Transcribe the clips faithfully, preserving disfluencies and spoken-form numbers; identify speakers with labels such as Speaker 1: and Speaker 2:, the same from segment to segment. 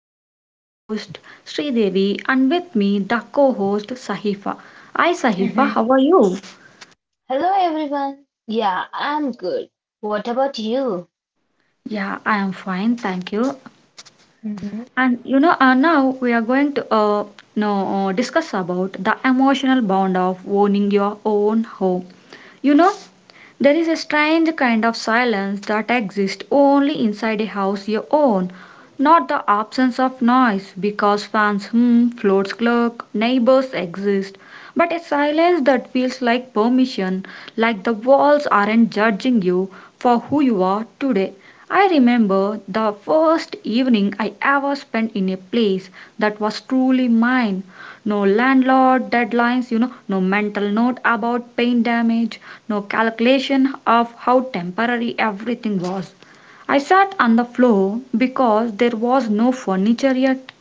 Speaker 1: I'm your host Sridevi and with me the co-host Sahifa. Hi Sahifa, how are
Speaker 2: Mhm.
Speaker 1: you?
Speaker 2: Hello everyone. Yeah, I'm good. What about you?
Speaker 1: Yeah, I am fine, thank you.
Speaker 2: Mhm.
Speaker 1: And you know, uh, now we are going to uh, no, uh, discuss about the emotional bond of owning your own home. You know, there is a strange kind of silence that exists only inside a house you own, not the absence of noise, because fans hum, floors cluck, neighbors exist, but a silence that feels like permission, like the walls aren't judging you for who you are today. I remember the first evening I ever spent in a place that was truly mine. No landlord deadlines, you know, no mental note about paint damage, no calculation of how temporary everything was. I sat on the floor because there was no furniture yet,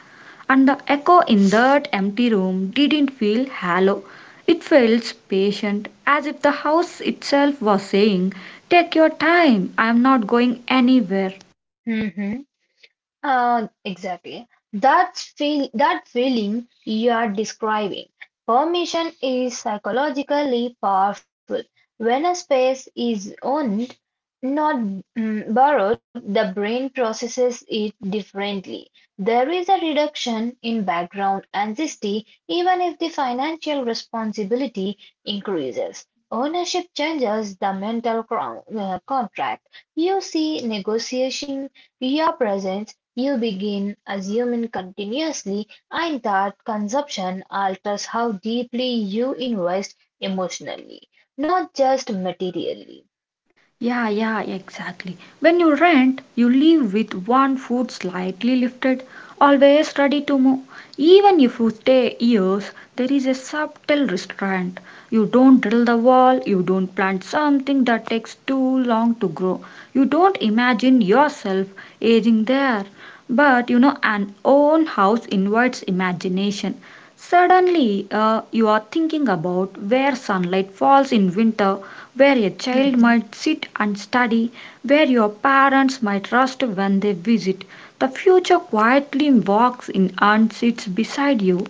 Speaker 1: and the echo in that empty room didn't feel hollow. It felt patient, as if the house itself was saying, take your time, I am not going anywhere.
Speaker 2: Mhm. Uh, exactly. That feel that feeling you are describing. Permission is psychologically powerful. When a space is owned, not mm, borrowed, the brain processes it differently. There is a reduction in background anxiety even if the financial responsibility increases. Ownership changes the mental cro- uh, contract. You see negotiation your presence you begin assuming continuously, and that consumption alters how deeply you invest emotionally, not just materially.
Speaker 1: Yeah, yeah, exactly. When you rent, you live with one foot slightly lifted, always ready to move. Even if you stay years, there is a subtle restraint. You don't drill the wall, you don't plant something that takes too long to grow. You don't imagine yourself aging there. But you know, an own house invites imagination. Suddenly, uh, you are thinking about where sunlight falls in winter, where a child
Speaker 2: Mhm.
Speaker 1: might sit and study, where your parents might rest when they visit. The future quietly walks in and sits beside you.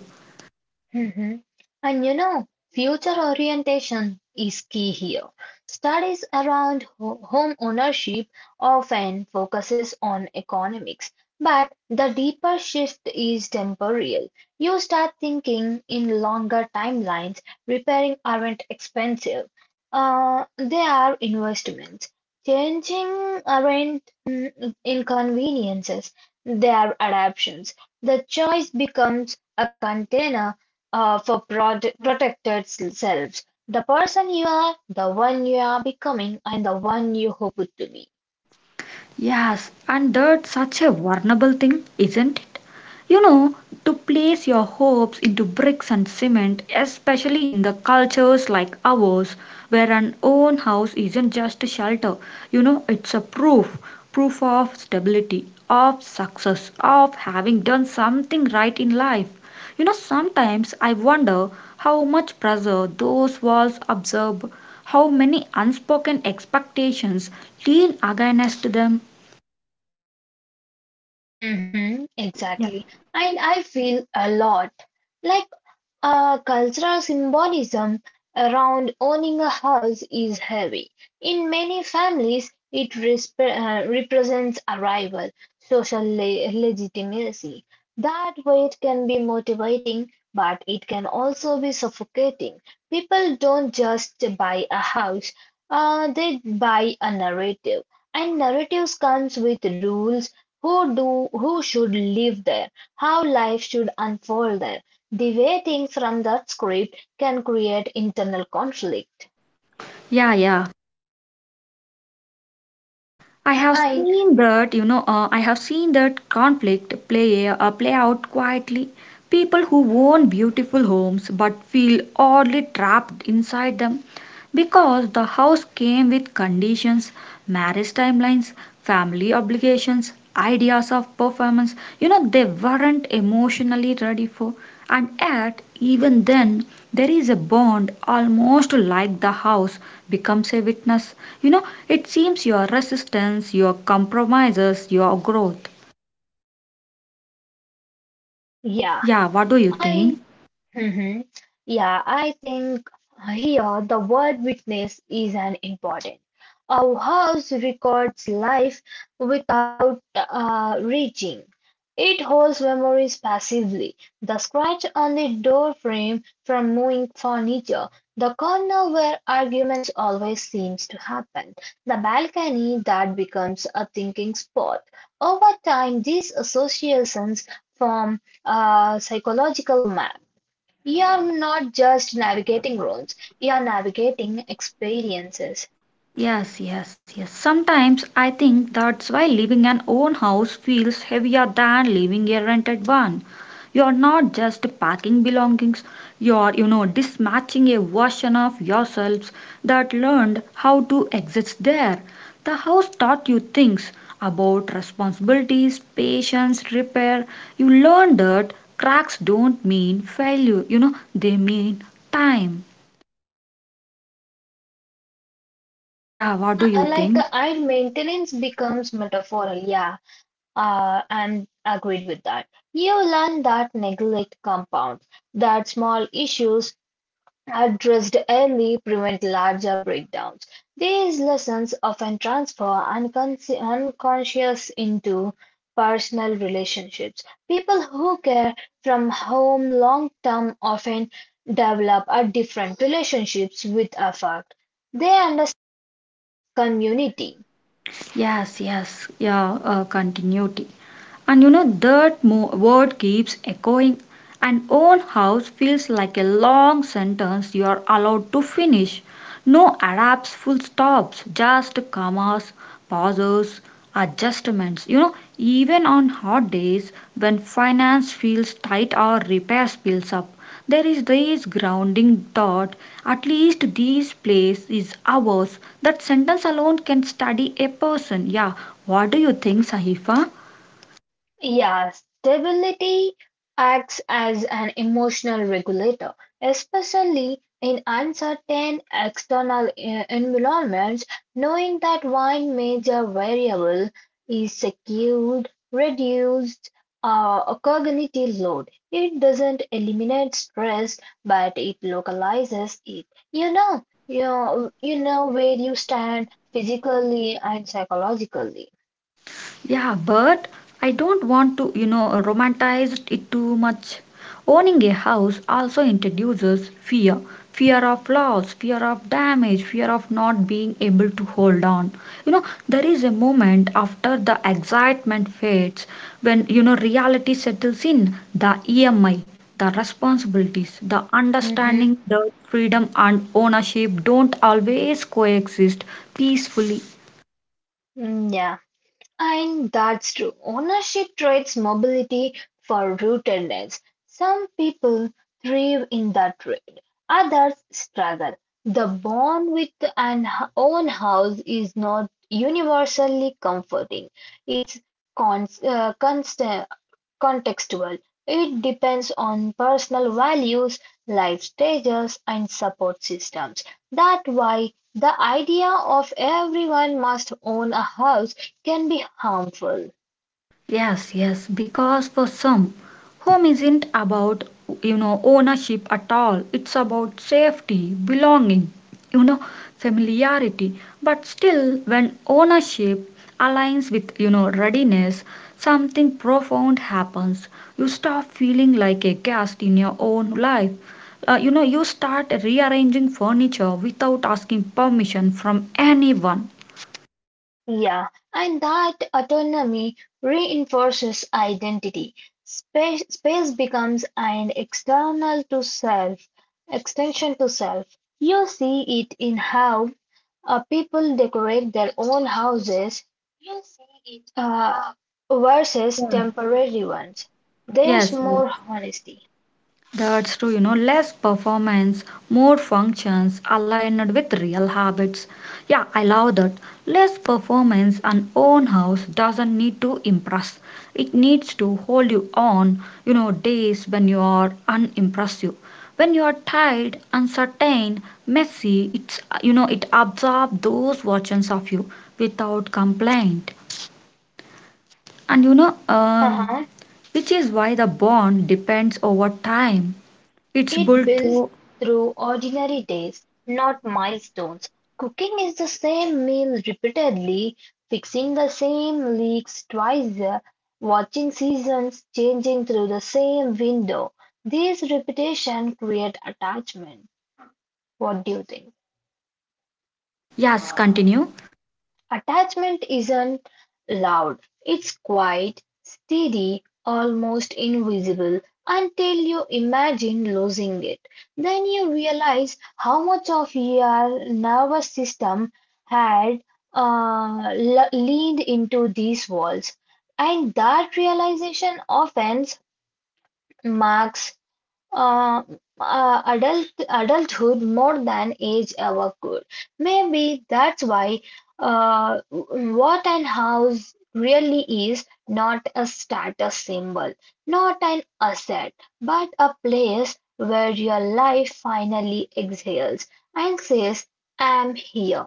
Speaker 2: Mhm. And you know, future orientation is key here. Studies around ho- home ownership often focuses on economics, but the deeper shift is temporal. You start thinking in longer timelines. Repairing aren't expensive. Uh, they are investments. Changing aren't mm, inconveniences. They are adaptations. The choice becomes a container uh, for prod- protected selves, the person you are, the one you are becoming, and the one you hope to be.
Speaker 1: Yes, and that's such a vulnerable thing, isn't it? You know, to place your hopes into bricks and cement, especially in the cultures like ours, where an own house isn't just a shelter, you know, it's a proof proof of stability, of success, of having done something right in life. You know, sometimes I wonder how much pressure those walls absorb, how many unspoken expectations lean against them.
Speaker 2: Hmm,
Speaker 1: Yeah,
Speaker 2: exactly. And I feel a lot like uh, cultural symbolism around owning a house is heavy. In many families, it resp uh, represents arrival, social le legitimacy. That weight can be motivating, but it can also be suffocating. People don't just buy a house, uh, they buy a narrative. And narratives comes with rules who do who should live there, how life should unfold there. The way things from that script can create internal conflict.
Speaker 1: yeah, yeah. I have
Speaker 2: I
Speaker 1: seen that, you know, uh, I have seen that conflict play uh, play out quietly. People who own beautiful homes but feel oddly trapped inside them. Because the house came with conditions, marriage timelines, family obligations, ideas of performance, you know, they weren't emotionally ready for. And yet, even then, there is a bond almost like the house becomes a witness. You know, it seems your resistance, your compromises, your growth.
Speaker 2: yeah.
Speaker 1: Yeah, what do you
Speaker 2: I.
Speaker 1: think?
Speaker 2: hmm Yeah, I think here the word witness is an important. Our house records life without uh, reaching. It holds memories passively. The scratch on the door frame from moving furniture, the corner where arguments always seems to happen, the balcony that becomes a thinking spot. Over time, these associations form a psychological map. We are not just navigating roles, we are navigating experiences.
Speaker 1: Yes, yes, yes. Sometimes I think that's why living an own house feels heavier than living a rented one. You're not just packing belongings, you're, you know, dispatching a version of yourselves that learned how to exist there. The house taught you things about responsibilities, patience, repair. You learned that cracks don't mean failure, you know, they mean time. Yeah, what
Speaker 2: So,
Speaker 1: do you
Speaker 2: uh, like
Speaker 1: think?
Speaker 2: I maintenance becomes metaphorical, yeah. Uh, I'm agreed with that. You learn that neglect compounds, that small issues addressed early, prevent larger breakdowns. These lessons often transfer unconsci- unconscious into personal relationships. People who care from home long term often develop a different relationships with affect. They understand community.
Speaker 1: Yes, yes, yeah, uh, continuity. And you know, that mo- word keeps echoing, and own house feels like a long sentence you are allowed to finish. No Arabs, full stops, just commas, pauses, adjustments. You know, even on hot days when finance feels tight or repairs builds up, there is this grounding thought at least this place is ours. That sentence alone can study a person. Yeah, what do you think, Sahifa?
Speaker 2: Yeah, stability acts as an emotional regulator, especially in uncertain external e- environments. Knowing that one major variable is secured, reduced uh, a cognitive load. It doesn't eliminate stress, but it localizes it. You know, you know, you know where you stand physically and psychologically.
Speaker 1: Yeah, but I don't want to, you know, romanticize it too much. Owning a house also introduces fear fear of loss, fear of damage, fear of not being able to hold on. You know, there is a moment after the excitement fades when, you know, reality settles in the E M I, the responsibilities, the
Speaker 2: Mm-hmm.
Speaker 1: understanding that freedom and ownership don't always coexist peacefully.
Speaker 2: Mm, Yeah. And that's true. Ownership trades mobility for rootedness. Some people thrive in that trade, others struggle. The bond with an h- own house is not universally comforting. It's constant, contextual. It depends on personal values, life stages, and support systems. That's why the idea of everyone must own a house can be harmful.
Speaker 1: Yes, yes, because for some, home isn't about, you know, ownership at all. It's about safety, belonging, you know, familiarity. But still, when ownership aligns with, you know, readiness, something profound happens. You stop feeling like a guest in your own life. Uh, you know, you start rearranging furniture without asking permission from anyone.
Speaker 2: Yeah, and that autonomy reinforces identity. Space, space becomes an external to self, extension to self. You see it in how uh, people decorate their own houses uh, versus temporary ones. There's
Speaker 1: Yes, yes.
Speaker 2: more honesty.
Speaker 1: That's true, you know, less performance, more functions aligned with real habits. Yeah, I love that. Less performance and own house doesn't need to impress. It needs to hold you on, you know, days when you are unimpressive. When you are tired, uncertain, messy, it's you know, it absorbs those versions of you without complaint. And you know, um, which is why the bond depends over time. It's
Speaker 2: It
Speaker 1: built
Speaker 2: builds
Speaker 1: through.
Speaker 2: through ordinary days, not milestones. Cooking is the same meal repeatedly, fixing the same leaks twice, uh, watching seasons changing through the same window. These repetition create attachment. What do you think?
Speaker 1: Yes, continue.
Speaker 2: Attachment isn't loud, it's quiet, steady, almost invisible until you imagine losing it. Then you realize how much of your nervous system had uh, le- leaned into these walls. And that realization often marks uh, uh, adult adulthood more than age ever could. Maybe that's why uh, what an house really is not a status symbol, not an asset, but a place where your life finally exhales and says, "I'm here."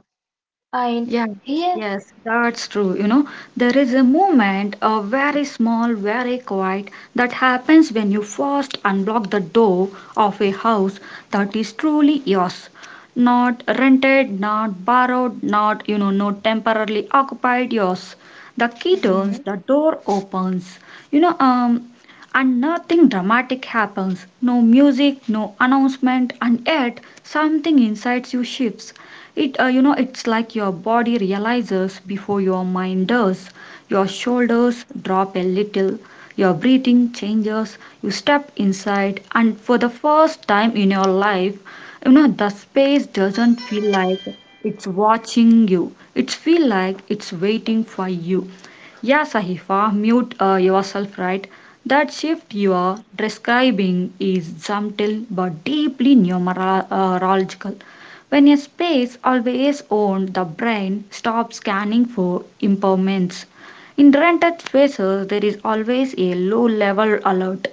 Speaker 2: And
Speaker 1: Yes,
Speaker 2: here.
Speaker 1: yes, that's true. You know, there is a movement, a very small, very quiet, that happens when you first unblock the door of a house that is truly yours. Not rented, not borrowed, not, you know, not temporarily occupied, yours. The key turns, the door opens. You know, um, and nothing dramatic happens. No music, no announcement, and yet something inside you shifts it uh, you know, it's like your body realizes before your mind does. Your shoulders drop a little, your breathing changes. You step inside and for the first time in your life, you know, the space doesn't feel like it's watching you. It feel like it's waiting for you. Yeah, Sahifa, mute uh, yourself, right? That shift you are describing is subtle but deeply neurological. When a space always owned, the brain stops scanning for impairments. In rented spaces, there is always a low level alert,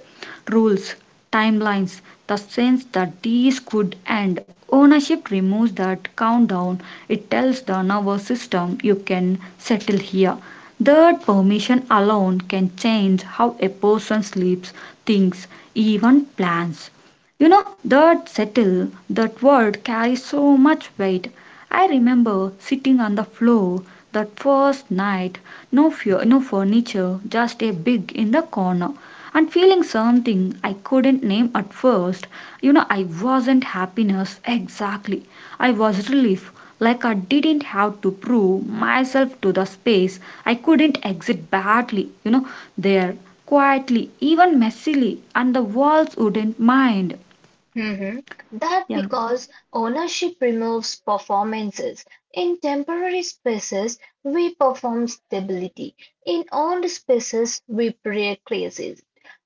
Speaker 1: rules, timelines, the sense that these could end. Ownership removes that countdown. It tells the nervous system you can settle here. That permission alone can change how a person sleeps, thinks, even plans. You know, that settle, that word carries so much weight. I remember sitting on the floor that first night, no fear, no furniture, just a big in the corner, and feeling something I couldn't name at first. You know, I wasn't happiness exactly. I was relief, like I didn't have to prove myself to the space. I couldn't exit badly, you know, there quietly, even messily, and the walls wouldn't mind.
Speaker 2: Mhm. That
Speaker 1: Yeah,
Speaker 2: because ownership removes performances. In temporary spaces, we perform stability. In owned spaces, we precise it.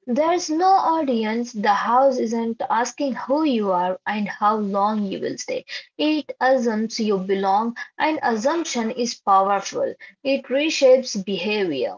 Speaker 2: There's no audience. The house isn't asking who you are and how long you will stay. It assumes you belong, and assumption is powerful. It reshapes behavior.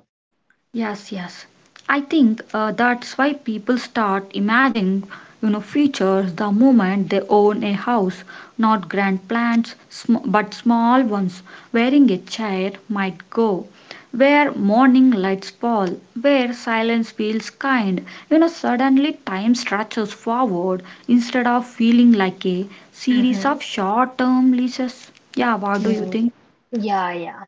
Speaker 1: yes, yes. I think uh, that's why people start imagining, you know, futures the moment they own a house, not grand plans, sm- but small ones, wherein a chair might go, where morning lights fall, where silence feels kind. You know, suddenly time stretches forward instead of feeling like a series of
Speaker 2: Mhm.
Speaker 1: short-term leases. Yeah, what do you think?
Speaker 2: Yeah, yeah.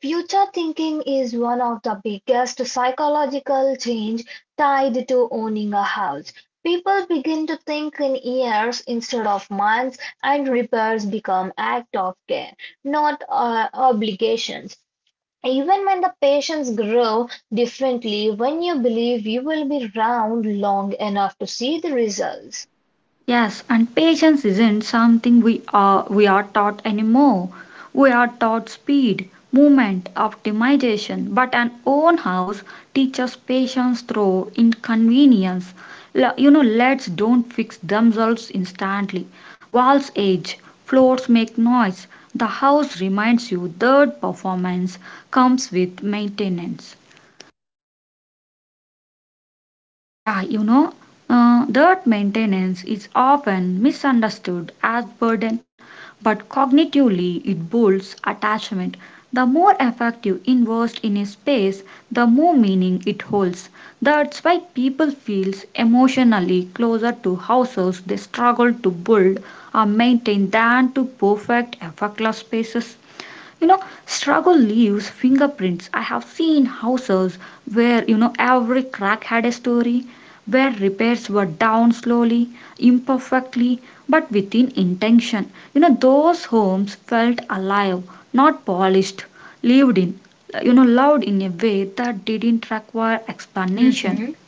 Speaker 2: Future thinking is one of the biggest psychological change tied to owning a house. People begin to think in years instead of months, and repairs become act of care, not uh, obligations. Even when the patients grow differently, when you believe you will be around long enough to see the results.
Speaker 1: Yes, and patience isn't something we are we are taught anymore. We are taught speed, movement, optimization, but an own house teaches patience through inconvenience. L- you know, leads don't fix themselves instantly. Walls age, floors make noise. The house reminds you that performance comes with maintenance. Yeah, you know, uh, that maintenance is often misunderstood as burden, but cognitively it builds attachment. The more effort you invest in a space, the more meaning it holds. That's why people feel emotionally closer to houses they struggle to build or maintain than to perfect effortless spaces. You know, struggle leaves fingerprints. I have seen houses where, you know, every crack had a story, where repairs were down slowly, imperfectly, but within intention. You know, those homes felt alive, not polished, lived in, you know, loved in a way that didn't require explanation.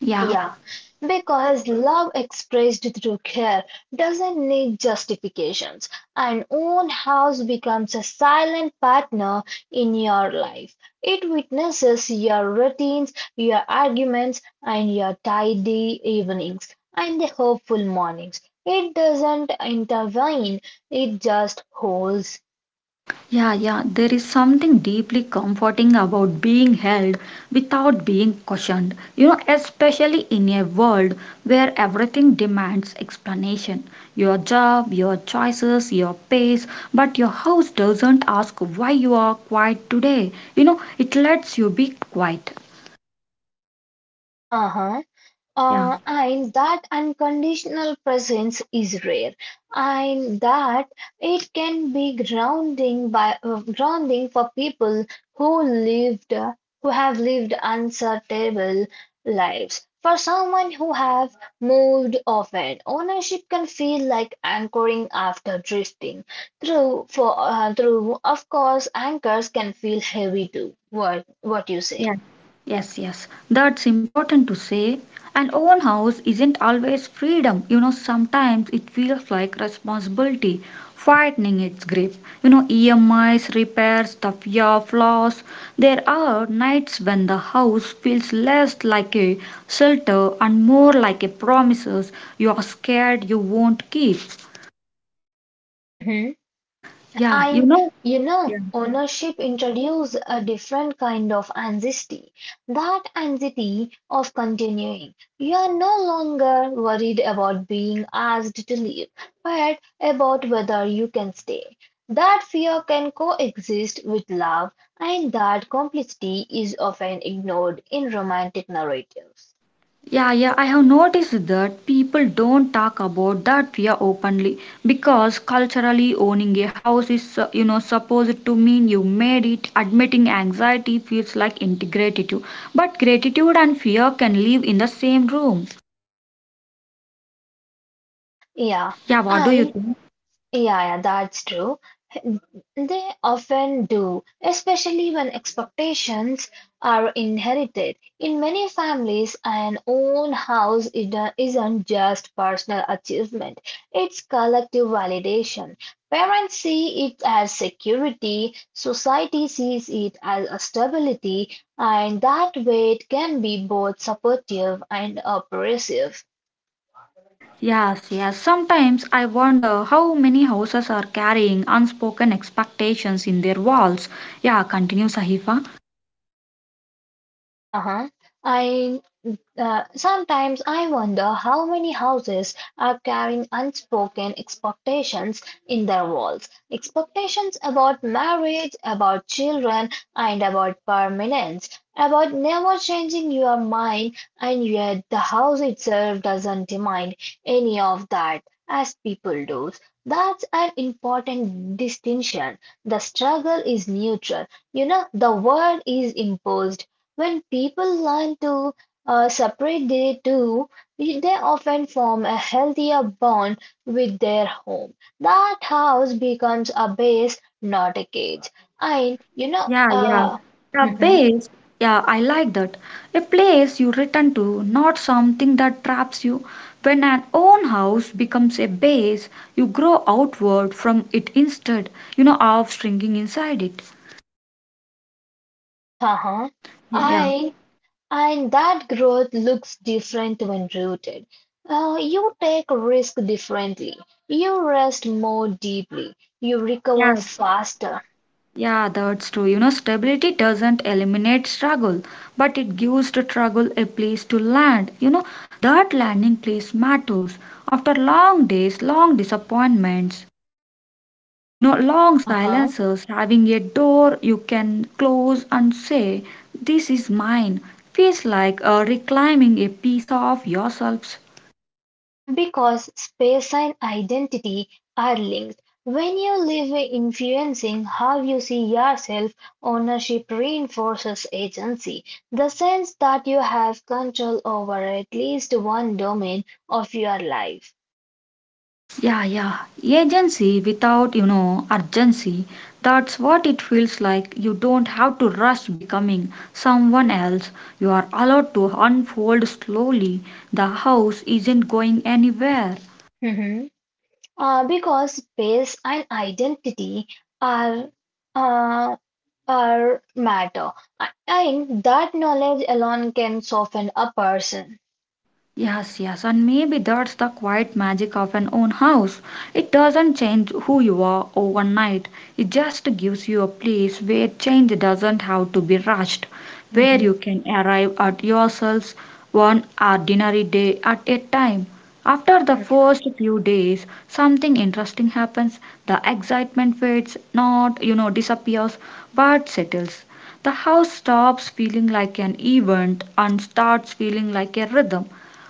Speaker 1: Yeah.
Speaker 2: Yeah, because love expressed through care doesn't need justifications. An own house becomes a silent partner in your life. It witnesses your routines, your arguments, and your tidy evenings and the hopeful mornings. It doesn't intervene, it just holds.
Speaker 1: Yeah, yeah, there is something deeply comforting about being held without being cautioned. You know, especially in a world where everything demands explanation, your job, your choices, your pace, but your house doesn't ask why you are quiet today. You know, it lets you be quiet.
Speaker 2: Uh-huh.
Speaker 1: Yeah.
Speaker 2: Uh, and that unconditional presence is rare, and that it can be grounding by uh, grounding for people who lived who have lived uncertainable lives. For someone who have moved often, ownership can feel like anchoring after drifting. Through for uh, through of course, anchors can feel heavy too. What what you say?
Speaker 1: Yes, yes, yes. That's important to say. An own house isn't always freedom. You know, sometimes it feels like responsibility fighting its grip. You know, E M Is, repairs, the fear of loss. There are nights when the house feels less like a shelter and more like a promises you are scared you won't keep. Yeah, you
Speaker 2: And
Speaker 1: know.
Speaker 2: you know,
Speaker 1: Yeah.
Speaker 2: ownership introduced a different kind of anxiety. That anxiety of continuing. You are no longer worried about being asked to leave, but about whether you can stay. That fear can coexist with love, and that complicity is often ignored in romantic narratives.
Speaker 1: Yeah, yeah, I have noticed that people don't talk about that fear openly because culturally owning a house is, uh, you know, supposed to mean you made it. Admitting anxiety feels like ingratitude, but gratitude and fear can live in the same room.
Speaker 2: Yeah,
Speaker 1: Yeah, what do you
Speaker 2: and
Speaker 1: think?
Speaker 2: Yeah, yeah, that's true. They often do, especially when expectations are inherited. In many families, an own house is- isn't just personal achievement, it's collective validation. Parents see it as security, society sees it as a stability, and that weight can be both supportive and oppressive.
Speaker 1: Yes, yes. Sometimes I wonder how many houses are carrying unspoken expectations in their walls. Yeah, continue, Sahifa.
Speaker 2: Uh-huh. Uh, sometimes I wonder how many houses are carrying unspoken expectations in their walls. Expectations about marriage, about children, and about permanence, about never changing your mind, and yet the house itself doesn't demand any of that as people do. That's an important distinction. The struggle is neutral. You know, the word is imposed. When people learn to uh, separate they do, they often form a healthier bond with their home. That house becomes a base, not a cage. And you know,
Speaker 1: Yeah, yeah.
Speaker 2: uh,
Speaker 1: The
Speaker 2: mhm,
Speaker 1: base, yeah, I like that. A place you return to, not something that traps you. When an own house becomes a base, you grow outward from it instead, you know, of shrinking inside it.
Speaker 2: uh-huh.
Speaker 1: Yeah.
Speaker 2: And and that growth looks different when rooted. Uh, you take risk differently. You rest more deeply. You recover
Speaker 1: Yes.
Speaker 2: faster.
Speaker 1: Yeah, that's true. You know, stability doesn't eliminate struggle, but it gives the struggle a place to land. You know, that landing place matters after long days, long disappointments. You know, long
Speaker 2: Uh-huh.
Speaker 1: silences, having a door you can close and say, this is mine, feels like uh, reclaiming a piece of yourselves.
Speaker 2: Because space and identity are linked. When you live influencing how you see yourself, ownership reinforces agency. The sense that you have control over at least one domain of your life.
Speaker 1: Yeah, yeah. Agency without, you know, urgency. That's what it feels like. You don't have to rush becoming someone else. You are allowed to unfold slowly. The house isn't going anywhere.
Speaker 2: Mhm. Uh, because space and identity are uh, are matter. And that knowledge alone can soften a person.
Speaker 1: Yes, yes, and maybe that's the quiet magic of an own house. It doesn't change who you are overnight, it just gives you a place where change doesn't have to be rushed, where you
Speaker 2: Mhm.
Speaker 1: can arrive at yourselves one ordinary day at a time. After the
Speaker 2: Yeah.
Speaker 1: first few days, something interesting happens. The excitement fades, not, you know, disappears, but settles. The house stops feeling like an event and starts feeling like a rhythm.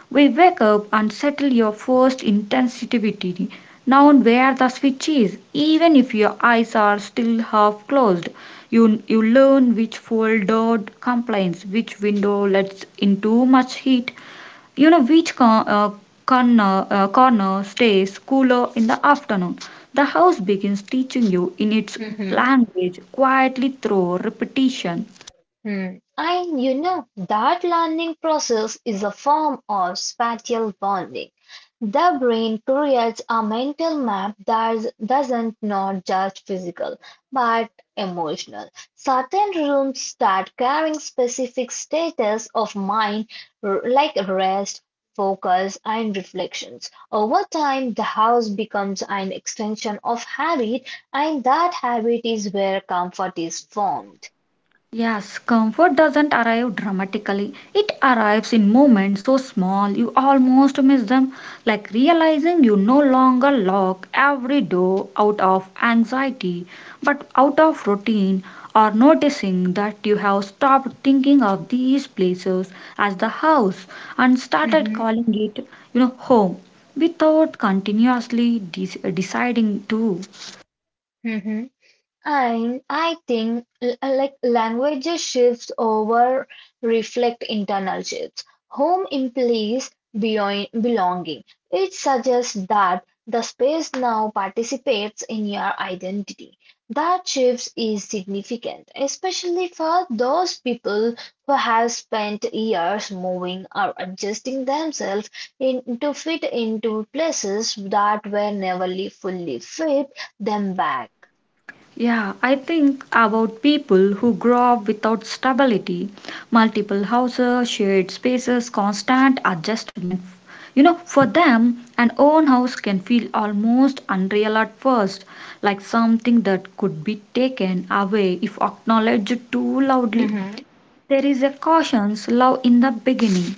Speaker 1: We wake up and settle your first intensity now, where the switch is. Even if your eyes are still half closed, you, you learn which fold door complains, which window lets in too much heat, you know which con- uh, corner, uh, corner stays cooler in the afternoon. The house begins teaching you in its
Speaker 2: Mhm.
Speaker 1: language quietly through repetition.
Speaker 2: Hmm. And you know, that learning process is a form of spatial bonding. The brain creates a mental map that doesn't not just physical but emotional. Certain rooms start carrying specific status of mind r- like rest, focus, and reflections. Over time, the house becomes an extension of habit, and that habit is where comfort is formed.
Speaker 1: Yes, comfort doesn't arrive dramatically. It arrives in moments so small you almost miss them, like realizing you no longer lock every door out of anxiety but out of routine, or noticing that you have stopped thinking of these places as the house and started calling it, you know, home without continuously de- deciding to.
Speaker 2: Hmm. And I think l- uh, like languages shifts over reflect internal shifts. Home implies beyond belonging. It suggests that the space now participates in your identity. That shift is significant, especially for those people who have spent years moving or adjusting themselves in, to fit into places that were never li- fully fit them back.
Speaker 1: Yeah, I think about people who grow up without stability, multiple houses, shared spaces, constant adjustment. You know, for them, an own house can feel almost unreal at first, like something that could be taken away if acknowledged too loudly.
Speaker 2: Mhm.
Speaker 1: There is a cautious love in the beginning.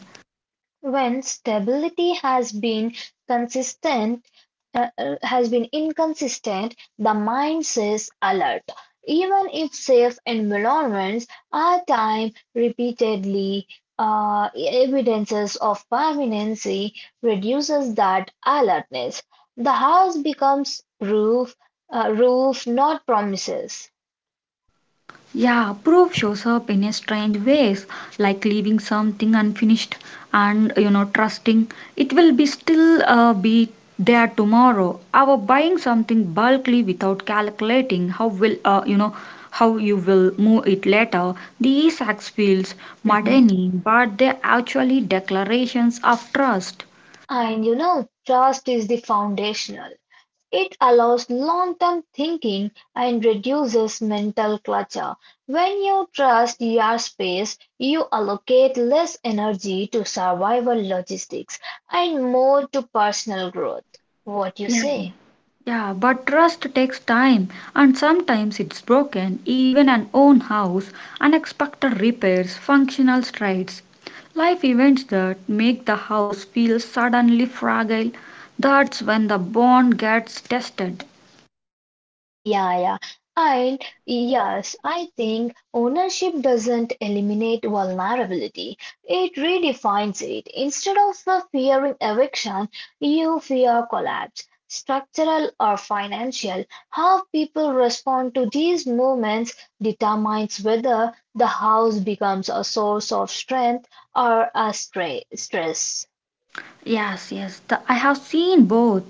Speaker 2: When stability has been consistent, uh, uh, has been inconsistent, the mind says alert. Even if safe environments are time repeatedly uh, evidences of permanency reduces that alertness. The house becomes roof, uh, roof, not promises.
Speaker 1: Yeah, proof shows up in a strange ways, like leaving something unfinished and you know trusting it will be still uh, be there tomorrow. Our buying something bulkly without calculating how will uh, you know how you will move it later. These acts feels
Speaker 2: Mhm.
Speaker 1: mundane, but they're actually declarations of trust.
Speaker 2: And you know, trust is the foundational. It allows long-term thinking and reduces mental clutter. When you trust your space, you allocate less energy to survival logistics and more to personal growth. What you
Speaker 1: Yeah.
Speaker 2: say?
Speaker 1: Yeah, but trust takes time and sometimes it's broken, even an own house, unexpected repairs, functional strides, life events that make the house feel suddenly fragile. That's when the bond gets tested.
Speaker 2: Yeah, yeah. And yes, I think ownership doesn't eliminate vulnerability. It redefines it. Instead of uh, fearing eviction, you fear collapse, structural or financial. How people respond to these movements determines whether the house becomes a source of strength or a stra stress.
Speaker 1: Yes, yes, the, I have seen both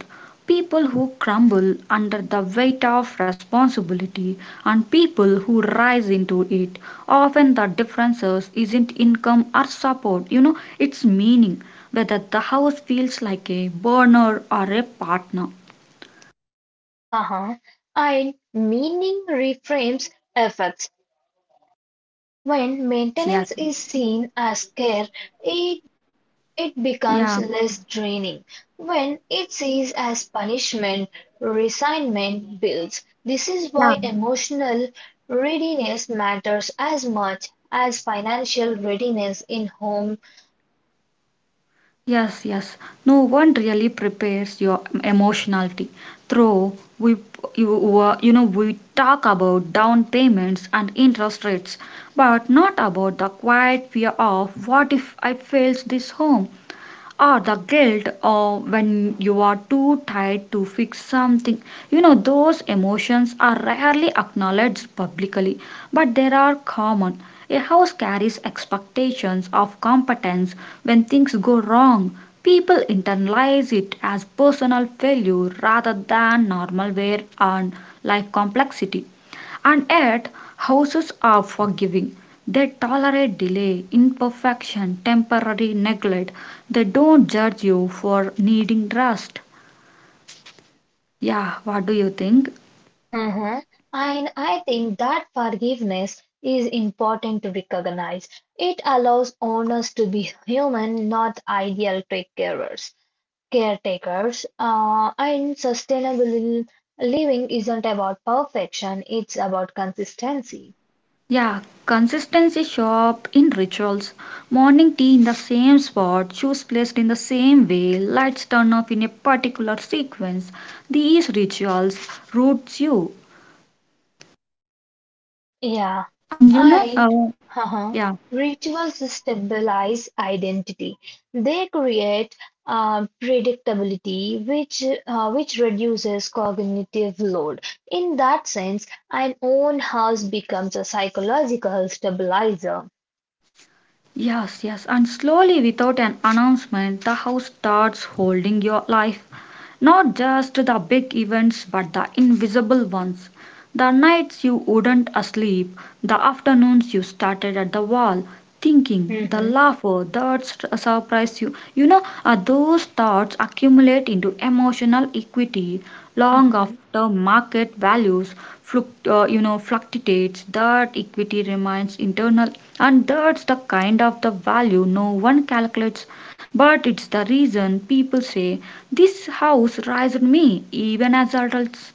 Speaker 1: people who crumble under the weight of responsibility and people who rise into it. Often the differences isn't income or support, you know, it's meaning whether the house feels like a burner or a partner.
Speaker 2: Haha. And meaning reframes effects. When
Speaker 1: Yes, yes,
Speaker 2: maintenance is seen as care, it, it becomes
Speaker 1: yeah,
Speaker 2: less draining. When it's seen as punishment, resentment builds. This is
Speaker 1: yeah.
Speaker 2: why emotional readiness matters as much as financial readiness in home.
Speaker 1: Yes, yes. No one really prepares your emotionality. Though we, you, uh, you know, we talk about down payments and interest rates, but not about the quiet fear of what if I fails this home? Or the guilt or when you are too tired to fix something, you know those emotions are rarely acknowledged publicly, but they are common. A house carries expectations of competence. When things go wrong, people internalize it as personal failure rather than normal wear and life complexity. And yet houses are forgiving. They tolerate delay, imperfection, temporary neglect. They don't judge you for needing rest. Yeah, what do you think?
Speaker 2: And I think that forgiveness is important to recognize. It allows owners to be human, not ideal take carers. Caretakers. Uh, and sustainable living isn't about perfection, it's about consistency.
Speaker 1: Yeah, consistency show up in rituals. Morning tea in the same spot, shoes placed in the same way, lights turn off in a particular sequence. These rituals roots you.
Speaker 2: Yeah,
Speaker 1: And you know,
Speaker 2: and
Speaker 1: uh,
Speaker 2: uh
Speaker 1: yeah.
Speaker 2: rituals stabilize identity. They create um, predictability, which uh, which reduces cognitive load. In that sense, an own house becomes a psychological stabilizer.
Speaker 1: Yes, yes, and slowly without an announcement, the house starts holding your life. Not just the big events, but the invisible ones. The nights you wouldn't sleep, the afternoons you started at the wall, thinking, the
Speaker 2: Mhm.
Speaker 1: laughter the surprise you. You know, uh, those thoughts accumulate into emotional equity long
Speaker 2: Mhm.
Speaker 1: after market values fluct- uh, you know, fluctuates. That equity remains internal, and that's the kind of the value no one calculates. But it's the reason people say, "This house raised me," even as adults.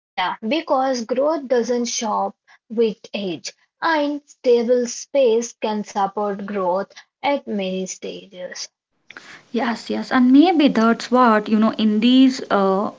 Speaker 2: Yeah, because growth doesn't shop with age, and stable space can support growth at many stages.
Speaker 1: Yes, yes, and maybe that's what you know in these uh,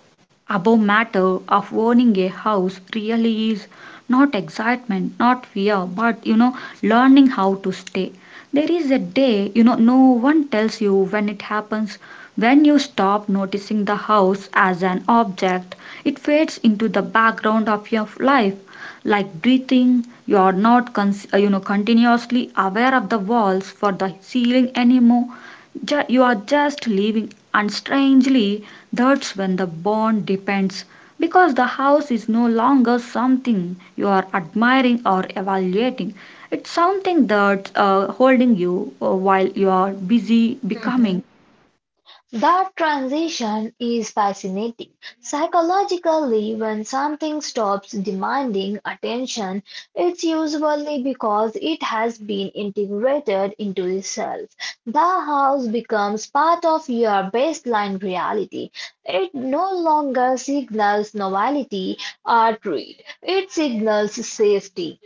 Speaker 1: above matter of owning a house really is not excitement, not fear, but you know, learning how to stay. There is a day, you know, no one tells you when it happens. When you stop noticing the house as an object, it fades into the background of your life. Like breathing, you are not, cons- uh, you know, continuously aware of the walls for the ceiling anymore, ju- you are just leaving, and strangely that's when the bond depends, because the house is no longer something you are admiring or evaluating. It's something that's uh, holding you uh, while you are busy becoming.
Speaker 2: Mhm. That transition is fascinating. Psychologically, when something stops demanding attention, it's usually because it has been integrated into the self. The house becomes part of your baseline reality. It no longer signals novelty or greed, it signals safety.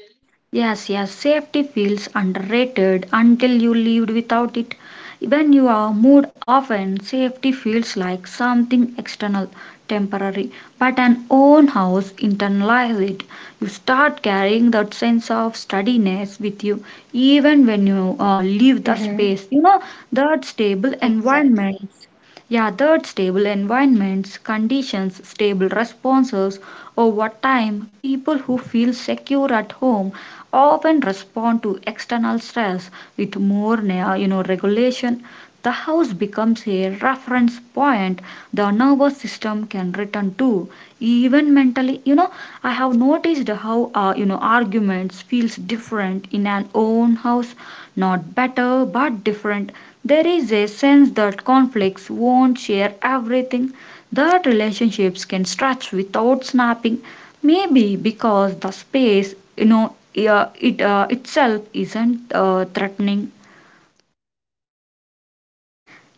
Speaker 1: Yes, yes, safety feels underrated until you lived without it. When you are moved often, safety feels like something external, temporary, but an own house internalizes it. You start carrying that sense of steadiness with you even when you uh, leave the
Speaker 2: Mm-hmm.
Speaker 1: space. You know, that stable
Speaker 2: Exactly.
Speaker 1: environment, yeah, third, stable environments, conditions, stable responses. Over time, people who feel secure at home often respond to external stress with more na- you know, regulation. The house becomes a reference point the nervous system can return to. Even mentally, you know, I have noticed how uh, you know arguments feels different in an own house, not better but different. There is a sense that conflicts won't share everything, that relationships can stretch without snapping, maybe because the space, you know, yeah, it uh, itself isn't uh, threatening.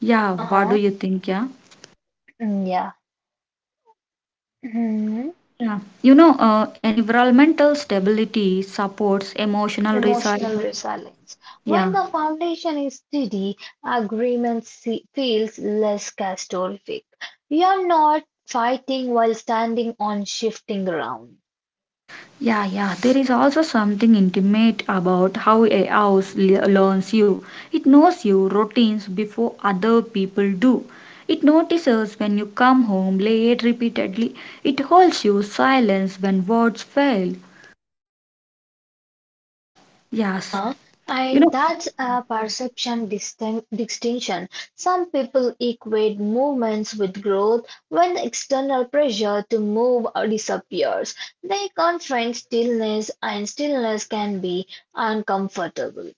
Speaker 1: Yeah, what do
Speaker 2: Uh-huh.
Speaker 1: you think? Yeah.
Speaker 2: Mm, Yeah. Mhm.
Speaker 1: Yeah. You know, uh, environmental stability supports emotional resilience.
Speaker 2: Emotional resilience. When
Speaker 1: Yeah.
Speaker 2: the foundation is steady, agreement se- feels less catastrophic. You're not fighting while standing on shifting ground.
Speaker 1: Yeah, yeah. There is also something intimate about how a house le- learns you. It knows your routines before other people do. It notices when you come home late repeatedly. It holds you silence when words fail. Yes.
Speaker 2: Haha.
Speaker 1: You
Speaker 2: And
Speaker 1: know,
Speaker 2: that's a perception distin- distinction. Some people equate movements with growth when external pressure to move disappears. They confront stillness, and stillness can be uncomfortable.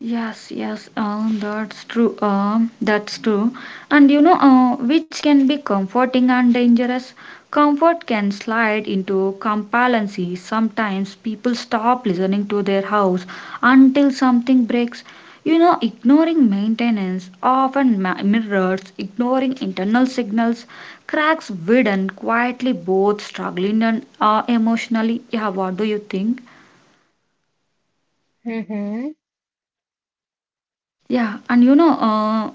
Speaker 1: yes, yes, um, that's true. Um, that's true. And you know, uh, which can be comforting and dangerous. Comfort can slide into complacency. Sometimes people stop listening to their house until something breaks. You know, ignoring maintenance often ma- mirrors ignoring internal signals. Cracks widen quietly, both struggling and uh, emotionally. Yeah, what do you think?
Speaker 2: Mhm.
Speaker 1: Yeah, and you know, uh,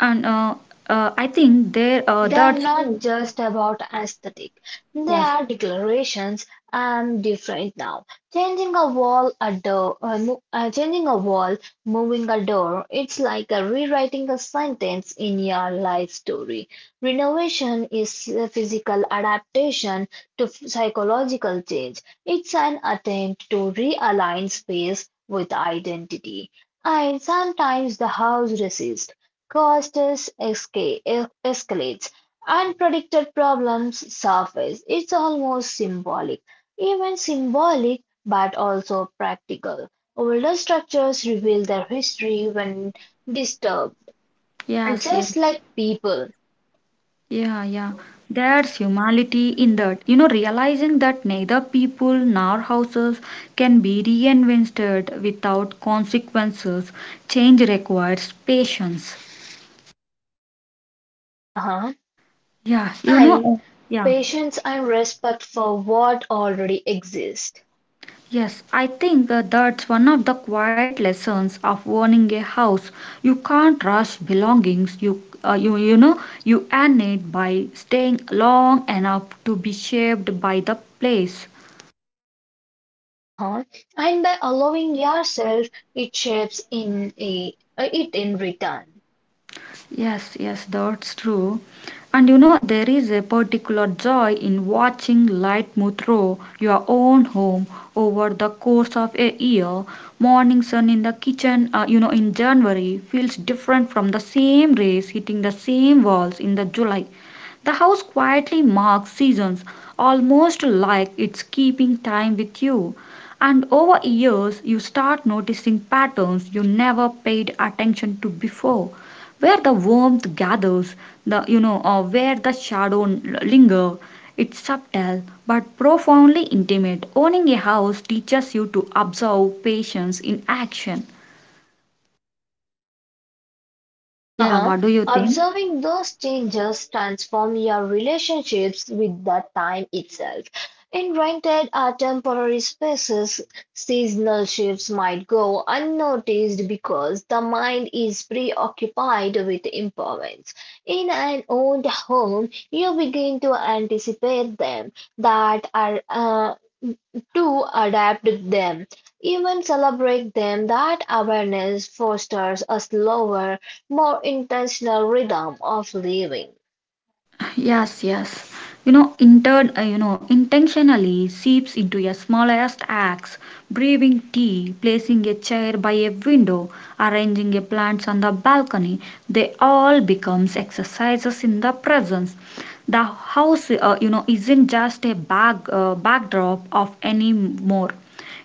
Speaker 1: And uh, uh, I think there uh,
Speaker 2: They are
Speaker 1: that's
Speaker 2: not just about aesthetic, they
Speaker 1: Yes.
Speaker 2: are declarations. I'm different now. Changing a wall, a door, uh, mo- uh, changing a wall, moving a door. It's like a rewriting a sentence in your life story. Renovation is a physical adaptation to psychological change. It's an attempt to realign space with identity. And sometimes the house resists costs esca- escalates unpredicted problems surface. It's almost symbolic, even symbolic, but also practical. Older structures reveal their history when disturbed,
Speaker 1: Yes, yeah,
Speaker 2: just like people.
Speaker 1: yeah, yeah. There's humanity in that. You know, realizing that neither people nor houses can be reinvented without consequences. Change requires patience.
Speaker 2: Haha.
Speaker 1: Yeah, you know,
Speaker 2: And
Speaker 1: uh, yeah.
Speaker 2: patience and respect for what already exists.
Speaker 1: Yes, I think uh, that's one of the quiet lessons of owning a house. You can't rush belongings. You, uh, you, you know, you earn it by staying long enough to be shaped by the place.
Speaker 2: Haha. And by allowing yourself, it shapes in a, it in return.
Speaker 1: Yes, yes, that's true. And you know, there is a particular joy in watching light move through your own home over the course of a year. Morning sun in the kitchen, uh, you know, in January feels different from the same rays hitting the same walls in the July. The house quietly marks seasons, almost like it's keeping time with you. And over years, you start noticing patterns you never paid attention to before, where the warmth gathers, the you know, or where the shadow linger. It's subtle but profoundly intimate. Owning a house teaches you to observe patience in action. Yeah,
Speaker 2: Haha.
Speaker 1: what do you think?
Speaker 2: Observing those changes transform your relationships with the time itself. In rented or temporary spaces, seasonal shifts might go unnoticed because the mind is preoccupied with improvements. In an owned home, you begin to anticipate them that are uh, to adapt them, even celebrate them, that awareness fosters a slower, more intentional rhythm of living.
Speaker 1: Yes, yes. You know, inter- uh, you know, intentionally seeps into your smallest acts, brewing tea, placing a chair by a window, arranging your plants on the balcony. They all becomes exercises in the presence. The house, uh, you know, isn't just a back uh, backdrop of any more.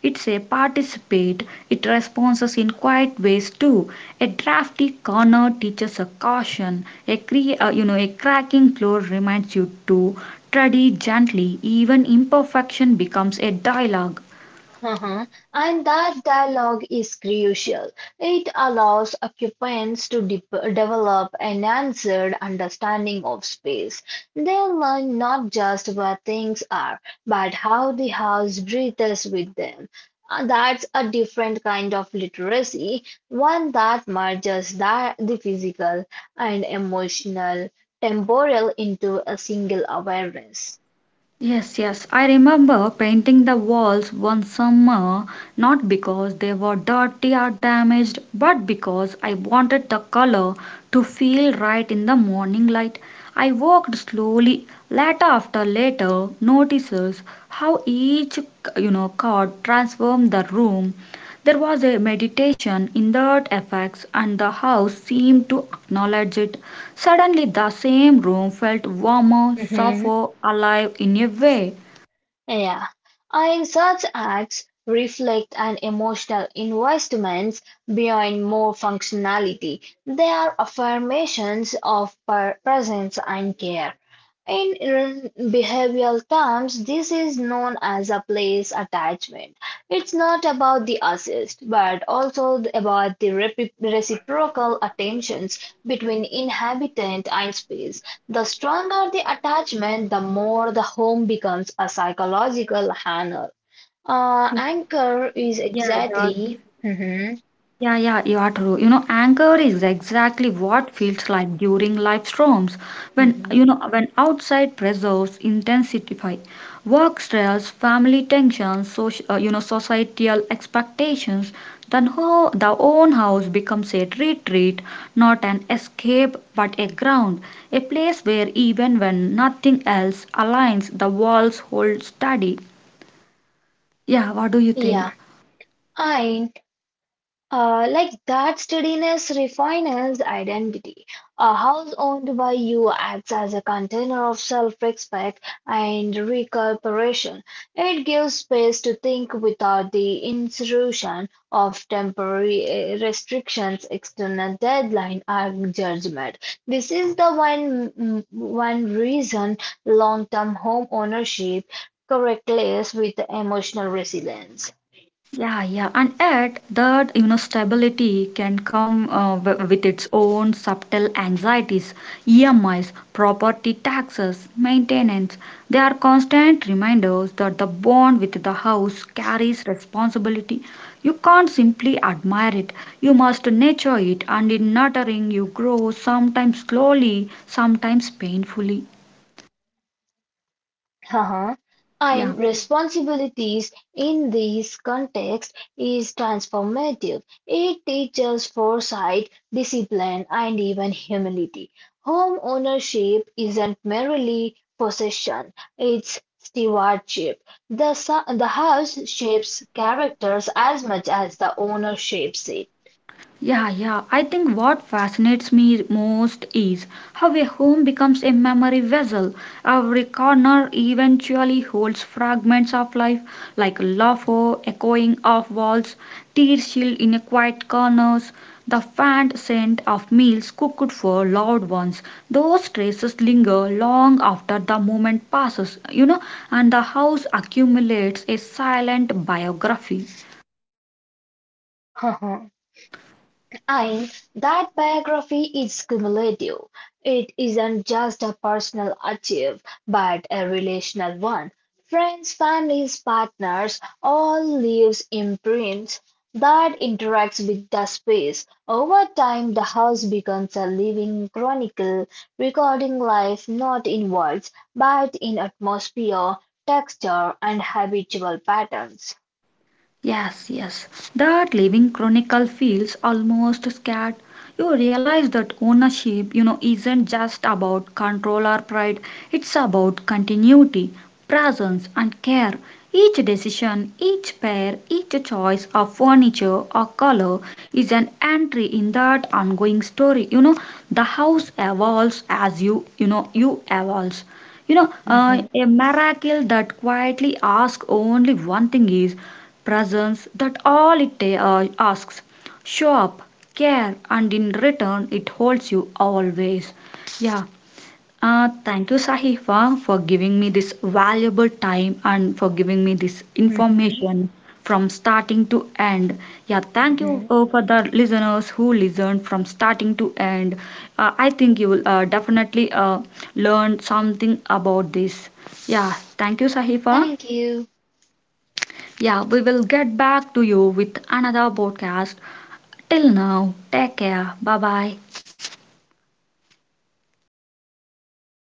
Speaker 1: It's a participate, it responds in quiet ways too. A drafty corner teaches a caution, a cre- uh, you know a cracking floor reminds you to tread gently, even imperfection becomes a dialogue.
Speaker 2: Uh-huh. And that dialogue is crucial. It allows occupants to de- develop an answered understanding of space. They learn not just where things are, but how the house breathes with them. And that's a different kind of literacy, one that merges that the physical and emotional temporal into a single awareness.
Speaker 1: Yes, yes. I remember painting the walls one summer, not because they were dirty or damaged, but because I wanted the color to feel right in the morning light. I walked slowly, letter after letter, notices how each, you know, card transformed the room. There was a meditation in that effects, and the house seemed to acknowledge it. Suddenly the same room felt warmer,
Speaker 2: Mm-hmm.
Speaker 1: softer, alive in a way.
Speaker 2: Yeah, I such acts reflect an emotional investment beyond more functionality. They are affirmations of per- presence and care. In in behavioral terms, this is known as a place attachment. It's not about the assist, but also about the repri- reciprocal attentions between inhabitant and space. The stronger the attachment, the more the home becomes a psychological anchor. Uh, anchor is
Speaker 1: Yeah, that's
Speaker 2: exactly. Mhm,
Speaker 1: Yeah, yeah, you are true. You know, anger is exactly what feels like during life storms. When
Speaker 2: mhm.
Speaker 1: you know, when outside pressures intensify, work stress, family tensions, social, uh, you know, societal expectations, then ho- the own house becomes a retreat, not an escape, but a ground, a place where even when nothing else aligns, the walls hold steady. Yeah, what do you
Speaker 2: Yeah,
Speaker 1: think?
Speaker 2: I Uh, like that steadiness refines identity. A house owned by you acts as a container of self-respect and recuperation. It gives space to think without the intrusion of temporary eh, restrictions, external deadline, or judgment. This is the one mm, one reason long-term home ownership correlates with emotional resilience.
Speaker 1: Yeah, yeah, and yet that you know stability can come uh, w- with its own subtle anxieties, E M Is, property taxes, maintenance. They are constant reminders that the bond with the house carries responsibility. You can't simply admire it. You must nurture it, and in nurturing, you grow sometimes slowly, sometimes painfully.
Speaker 2: Uh-huh.
Speaker 1: Yeah.
Speaker 2: And responsibilities in this context is transformative. It teaches foresight, discipline, and even humility. Home ownership isn't merely possession, it's stewardship. The, su- the house shapes characters as much as the owner shapes it.
Speaker 1: Yeah, yeah. I think what fascinates me most is how a home becomes a memory vessel. Every corner eventually holds fragments of life, like laughter echoing off walls, tears chilled in a quiet corners, the faint scent of meals cooked for loved ones. Those traces linger long after the moment passes, you know, and the house accumulates a silent biography.
Speaker 2: And that biography is cumulative. It isn't just a personal achieve, but a relational one. Friends, families, partners, all leaves imprints that interacts with the space. Over time, the house becomes a living chronicle, recording life not in words, but in atmosphere, texture, and habitual patterns.
Speaker 1: Yes, yes. That living chronicle feels almost scared. You realize that ownership, you know, isn't just about control or pride. It's about continuity, presence, and care. Each decision, each pair, each choice of furniture or color is an entry in that ongoing story. You know, the house evolves as you, you know, you evolves. You know, uh,
Speaker 2: Mm-hmm,
Speaker 1: a miracle that quietly asks only one thing is presence, that all it uh, asks. Show up, care, and in return it holds you always. Yeah. Uh, thank you, Sahifa, for giving me this valuable time and for giving me this
Speaker 2: mm-hmm,
Speaker 1: information from starting to end. Yeah, thank you
Speaker 2: mm-hmm.
Speaker 1: uh, for the listeners who listened from starting to end. Uh, I think you will uh, definitely uh, learn something about this. Yeah, thank you, Sahifa.
Speaker 2: Thank you.
Speaker 1: Yeah, we will get back to you with another podcast. Till now, take care. Bye bye.